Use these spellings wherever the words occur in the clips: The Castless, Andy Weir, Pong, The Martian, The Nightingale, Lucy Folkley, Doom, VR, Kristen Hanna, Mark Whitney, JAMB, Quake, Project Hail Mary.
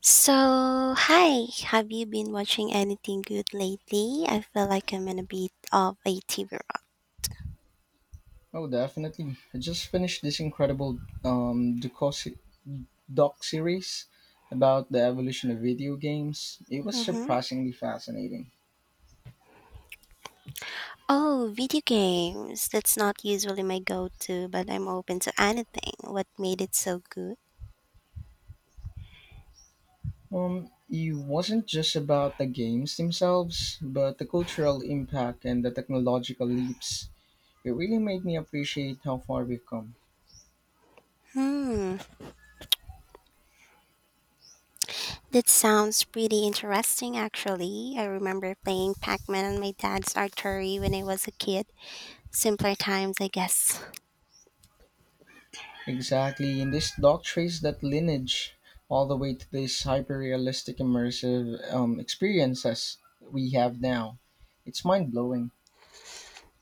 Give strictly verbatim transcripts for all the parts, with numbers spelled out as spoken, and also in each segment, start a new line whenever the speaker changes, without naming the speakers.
So, hi, have you been watching anything good lately? I feel like I'm in a bit of a T V rut.
Oh, definitely. I just finished this incredible um, doco- se- doc series about the evolution of video games. It was
Hmm.
surprisingly fascinating.
Oh, video games. That's not usually my go to, but I'm open to anything. What made it so good?
Um, it wasn't just about the games themselves, but the cultural impact and the technological leaps. It really made me appreciate how far we've come.
Hmm, that sounds pretty interesting actually. I remember playing Pac Man on my dad's artery when I was a kid. Simpler times, I guess.
Exactly, and this doc traced that lineage all the way to these hyper-realistic immersive um, experiences we have now. It's mind-blowing.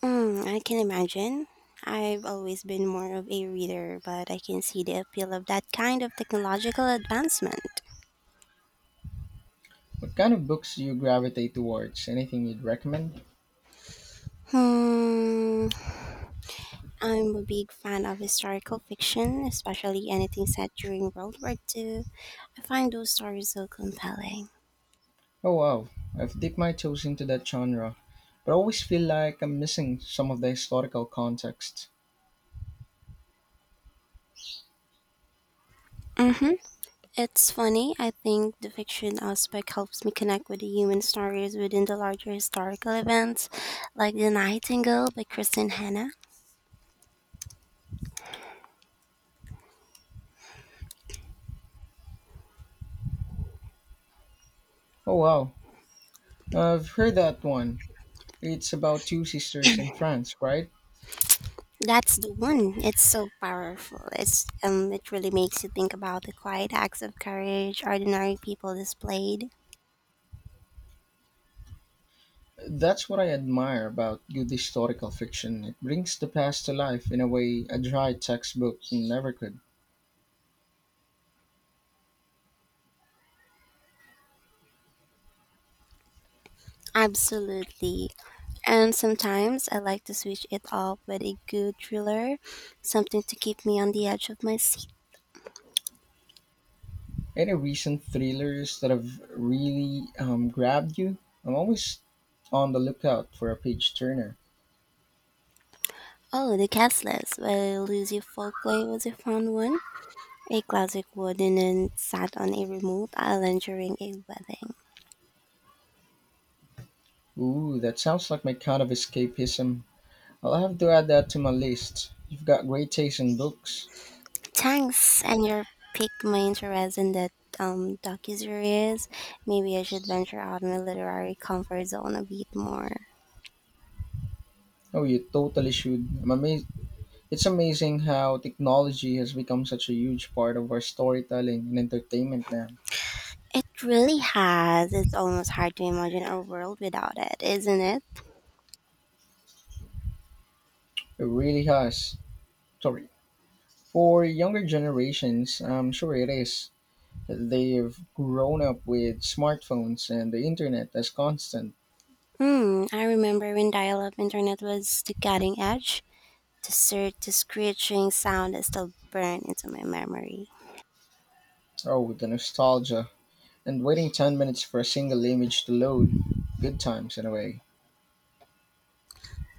Mm, I can imagine. I've always been more of a reader, but I can see the appeal of that kind of technological advancement.
What kind of books do you gravitate towards? Anything you'd recommend?
Hmm, I'm a big fan of historical fiction, especially anything set during World War two. I find those stories so compelling.
Oh wow, I've dipped my toes into that genre, but I always feel like I'm missing some of the historical context.
Mm-hmm. It's funny, I think the fiction aspect helps me connect with the human stories within the larger historical events, like The Nightingale by Kristen Hanna.
Oh wow, I've heard that one. It's about two sisters in France, right?
That's the one. It's so powerful. It's um it really makes you think about the quiet acts of courage ordinary people displayed.
That's what I admire about good historical fiction. It brings the past to life in a way a dry textbook never could.
Absolutely. And sometimes I like to switch it up with a good thriller, something to keep me on the edge of my seat.
Any recent thrillers that have really um, grabbed you? I'm always on the lookout for a page turner.
Oh, The Castless by Lucy Folkley was a fun one. A classic wooden and sat on a remote island during a wedding.
Ooh, that sounds like my kind of escapism. I'll have to add that to my list. You've got great taste in books.
Thanks, and you piqued my interest in that um docuseries. Maybe I should venture out my literary comfort zone a bit more.
Oh, you totally should. I'm amazed. It's amazing how technology has become such a huge part of our storytelling and entertainment now.
It really has. It's almost hard to imagine a world without it, isn't it?
It really has. Sorry. For younger generations, I'm sure it is. They've grown up with smartphones and the internet as constant.
Hmm. I remember when dial-up internet was the cutting edge. The sir, the screeching sound is still burned into my memory.
Oh, the nostalgia. And waiting ten minutes for a single image to load. Good times, in a way.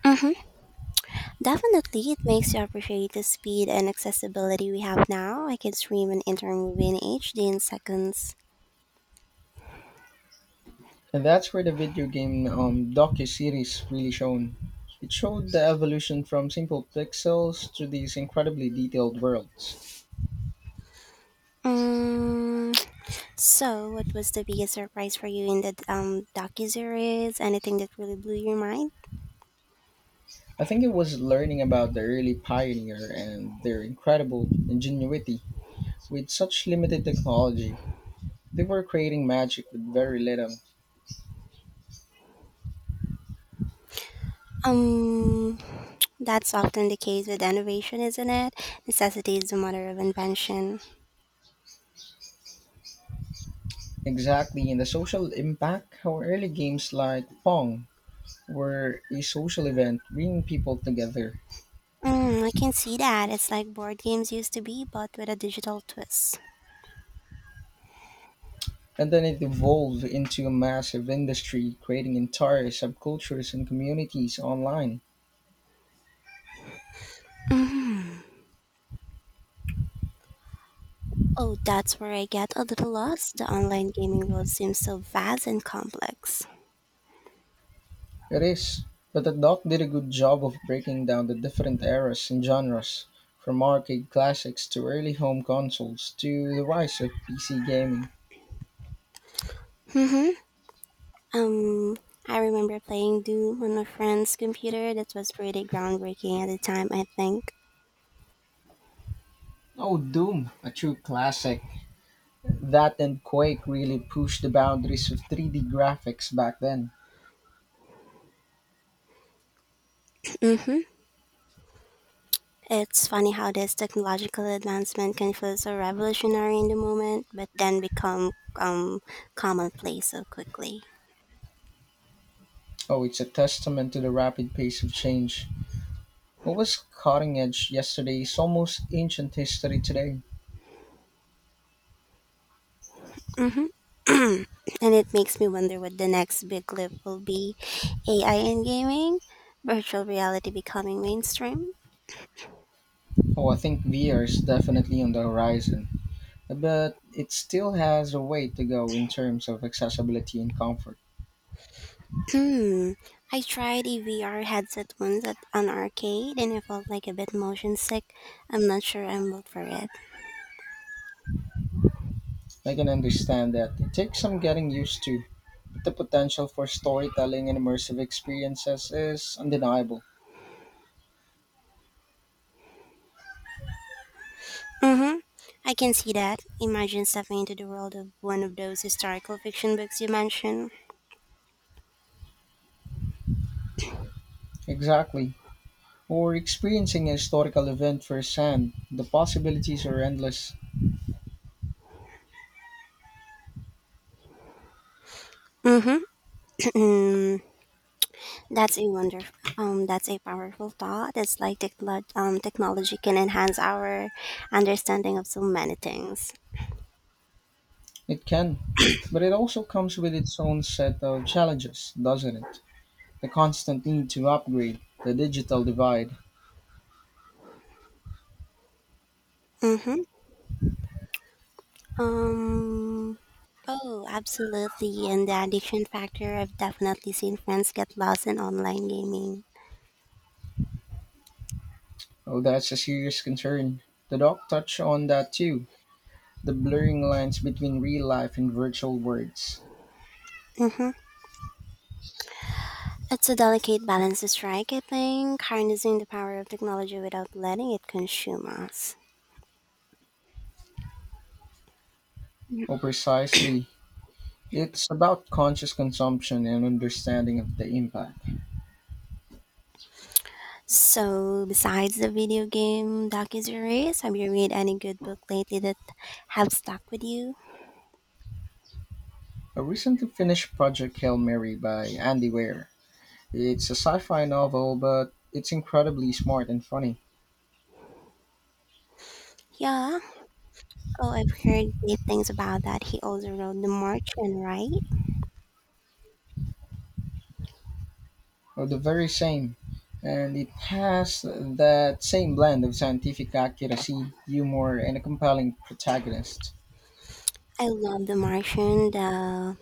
Mm-hmm. Definitely, it makes you appreciate the speed and accessibility we have now. I can stream an entire movie in H D in seconds.
And that's where the video game um, docu-series really shone. It showed the evolution from simple pixels to these incredibly detailed worlds.
Um, so, what was the biggest surprise for you in the um docuseries? Anything that really blew your mind?
I think it was learning about the early pioneer and their incredible ingenuity with such limited technology. They were creating magic with very little.
Um, that's often the case with innovation, isn't it? Necessity is the mother of invention.
Exactly, and the social impact, how early games like Pong were a social event, bringing people together.
Mm, I can see that. It's like board games used to be, but with a digital twist.
And then it evolved into a massive industry, creating entire subcultures and communities online.
Mm. Oh, that's where I get a little lost. The online gaming world seems so vast and complex.
It is. But the doc did a good job of breaking down the different eras and genres, from arcade classics to early home consoles to the rise of P C gaming.
Mm-hmm. Um, I remember playing Doom on a friend's computer. That was pretty groundbreaking at the time, I think.
Oh, Doom, a true classic. That and Quake really pushed the boundaries of three D graphics back then.
Mm-hmm. It's funny how this technological advancement can feel so revolutionary in the moment, but then become um, commonplace so quickly.
Oh, it's a testament to the rapid pace of change. What was cutting edge yesterday is almost ancient history today.
Mm-hmm. And it makes me wonder what the next big leap will be, A I in gaming, virtual reality becoming mainstream.
Oh, I think V R is definitely on the horizon, but it still has a way to go in terms of accessibility and comfort.
Hmm. I tried a V R headset once at an arcade and I felt like a bit motion sick. I'm not sure I'm built for it.
I can understand that it takes some getting used to, but the potential for storytelling and immersive experiences is undeniable.
Mm-hmm. I can see that. Imagine stepping into the world of one of those historical fiction books you mentioned.
Exactly. Or experiencing a historical event firsthand, the possibilities are endless.
Mm-hmm. That's a wonder. Um, that's a powerful thought. It's like techlo- um, technology can enhance our understanding of so many things.
It can, but it also comes with its own set of challenges, doesn't it? The constant need to upgrade, the digital divide.
Mm-hmm. Um. Oh, absolutely. And the addiction factor, I've definitely seen friends get lost in online gaming.
Well, that's a serious concern. The doc touched on that too, the blurring lines between real life and virtual words.
Mm-hmm. It's a delicate balance to strike, I think, harnessing the power of technology without letting it consume us. Mm.
Oh, precisely. It's about conscious consumption and understanding of the impact.
So, besides the video game docuseries, have you read any good book lately that have stuck with you?
A recently finished project Hail Mary by Andy Weir. It's a sci fi novel, but it's incredibly smart and funny.
Yeah. Oh, I've heard great things about that. He also wrote The Martian, right?
Well, the very same. And it has that same blend of scientific accuracy, humor, and a compelling protagonist.
I love The Martian. The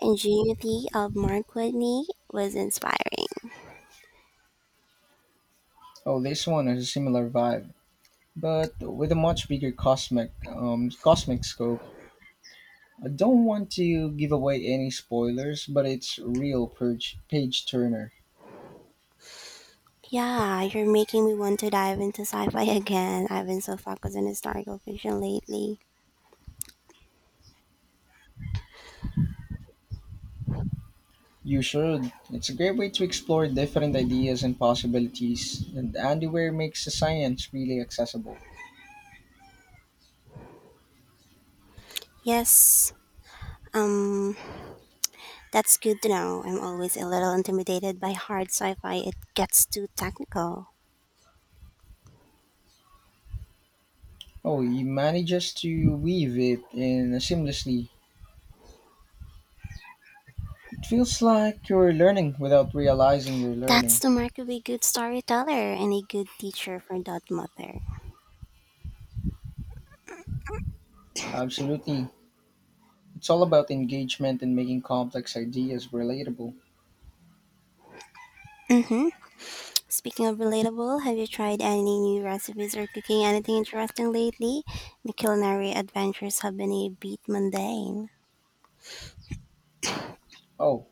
ingenuity of Mark Whitney was inspiring.
Oh, this one has a similar vibe, but with a much bigger cosmic um, cosmic scope. I don't want to give away any spoilers, but it's real page page turner.
Yeah, you're making me want to dive into sci-fi again. I've been so focused on historical fiction lately.
You should. It's a great way to explore different ideas and possibilities, and Andy Weir makes the science really accessible.
Yes, um, that's good to know. I'm always a little intimidated by hard sci-fi. It gets too technical.
Oh, he manages to weave it in seamlessly. It feels like you're learning without realizing you're
That's
learning.
the mark of a good storyteller and a good teacher for that matter.
Absolutely. It's all about engagement and making complex ideas relatable.
Mm-hmm. Speaking of relatable, have you tried any new recipes or cooking anything interesting lately? My culinary adventures have been a bit mundane.
Oh,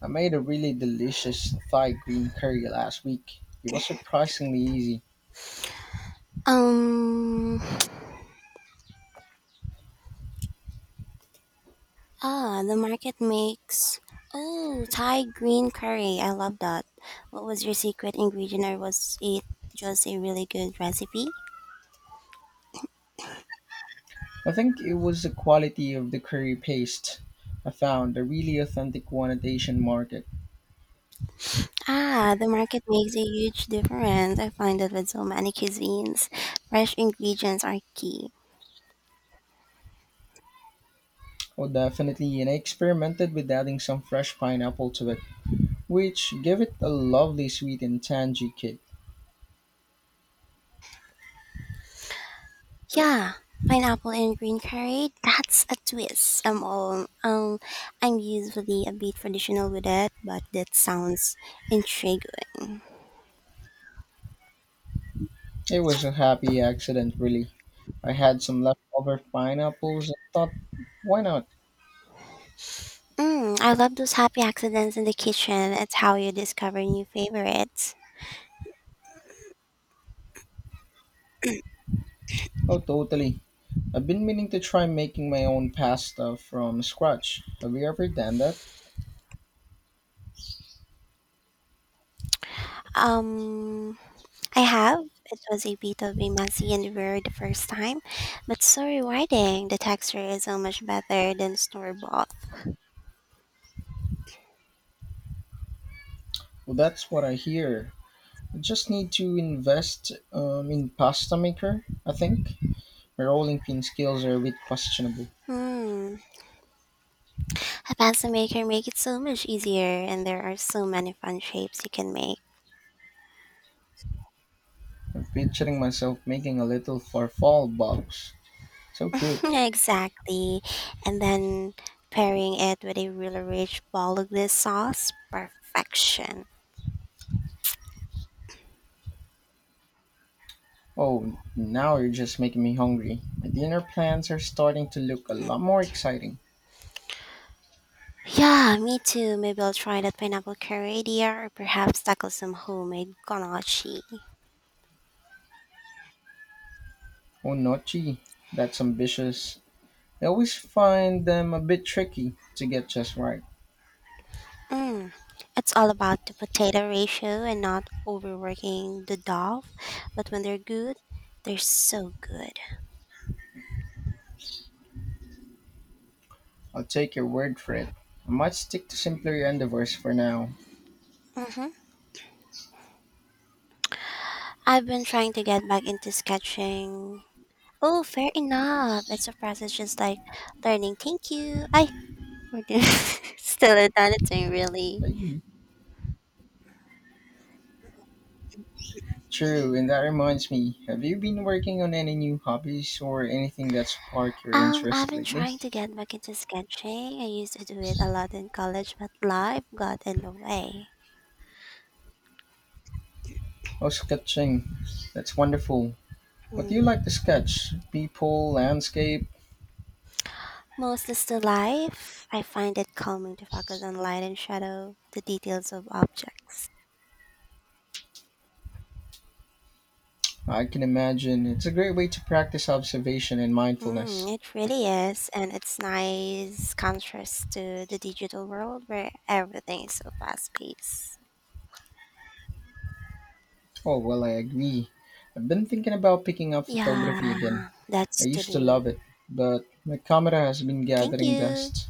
I made a really delicious Thai green curry last week. It was surprisingly easy.
Um, ah, the market makes. Oh, Thai green curry. I love that. What was your secret ingredient or was it just a really good recipe?
I think it was the quality of the curry paste I found, a really authentic one at the Asian market.
Ah, the market makes a huge difference. I find that with so many cuisines, fresh ingredients are key.
Oh, definitely, and I experimented with adding some fresh pineapple to it, which gave it a lovely sweet and tangy kick.
Yeah, pineapple and green curry. That's a twist. I'm all um, I'm usually a bit traditional with it, but that sounds intriguing.
It was a happy accident, really. I had some leftover pineapples and thought, why not?
Mm, I love those happy accidents in the kitchen. It's how you discover new favorites.
Oh, totally. I've been meaning to try making my own pasta from scratch. Have you ever done that?
Um, I have. It was a bit of a messy and weird the first time, but so rewarding. The texture is so much better than store bought.
Well, that's what I hear. I just need to invest um, in pasta maker, I think. My rolling pin skills are a bit questionable.
Hmm. A pencil maker make it so much easier and there are so many fun shapes you can make.
I'm picturing myself making a little farfalle box. So cute.
Exactly. And then pairing it with a really rich bolognese sauce, perfection.
Oh, now you're just making me hungry. My dinner plans are starting to look a lot more exciting.
Yeah, me too. Maybe I'll try that pineapple curry idea or perhaps tackle some homemade ganache.
Oh, nochi, that's ambitious. I always find them a bit tricky to get just right.
Mm. It's all about the potato ratio and not overworking the dough, but when they're good, they're so good.
I'll take your word for it. I might stick to simpler endeavors for now.
Hmm. I've been trying to get back into sketching. Oh, fair enough. It's a process just like learning. Thank you. I we're doing still in that thing really.
Hey, true, and that reminds me, have you been working on any new hobbies or anything that sparked your
Um, I've
interest
been
lately?
trying to get back into sketching. I used to do it a lot in college, but life got in the way.
Oh, sketching. That's wonderful. What do you
Mm.
like to sketch? People, landscape?
Mostly still life. I find it calming to focus on light and shadow, the details of objects.
I can imagine. It's a great way to practice observation and mindfulness.
Mm, it really is, and it's nice contrast to the digital world where everything is so fast paced.
Oh, well, I agree. I've been thinking about picking up photography again.
Yeah,
I
that's
used to
true.
love it, but my camera has been
Thank
gathering
you.
dust.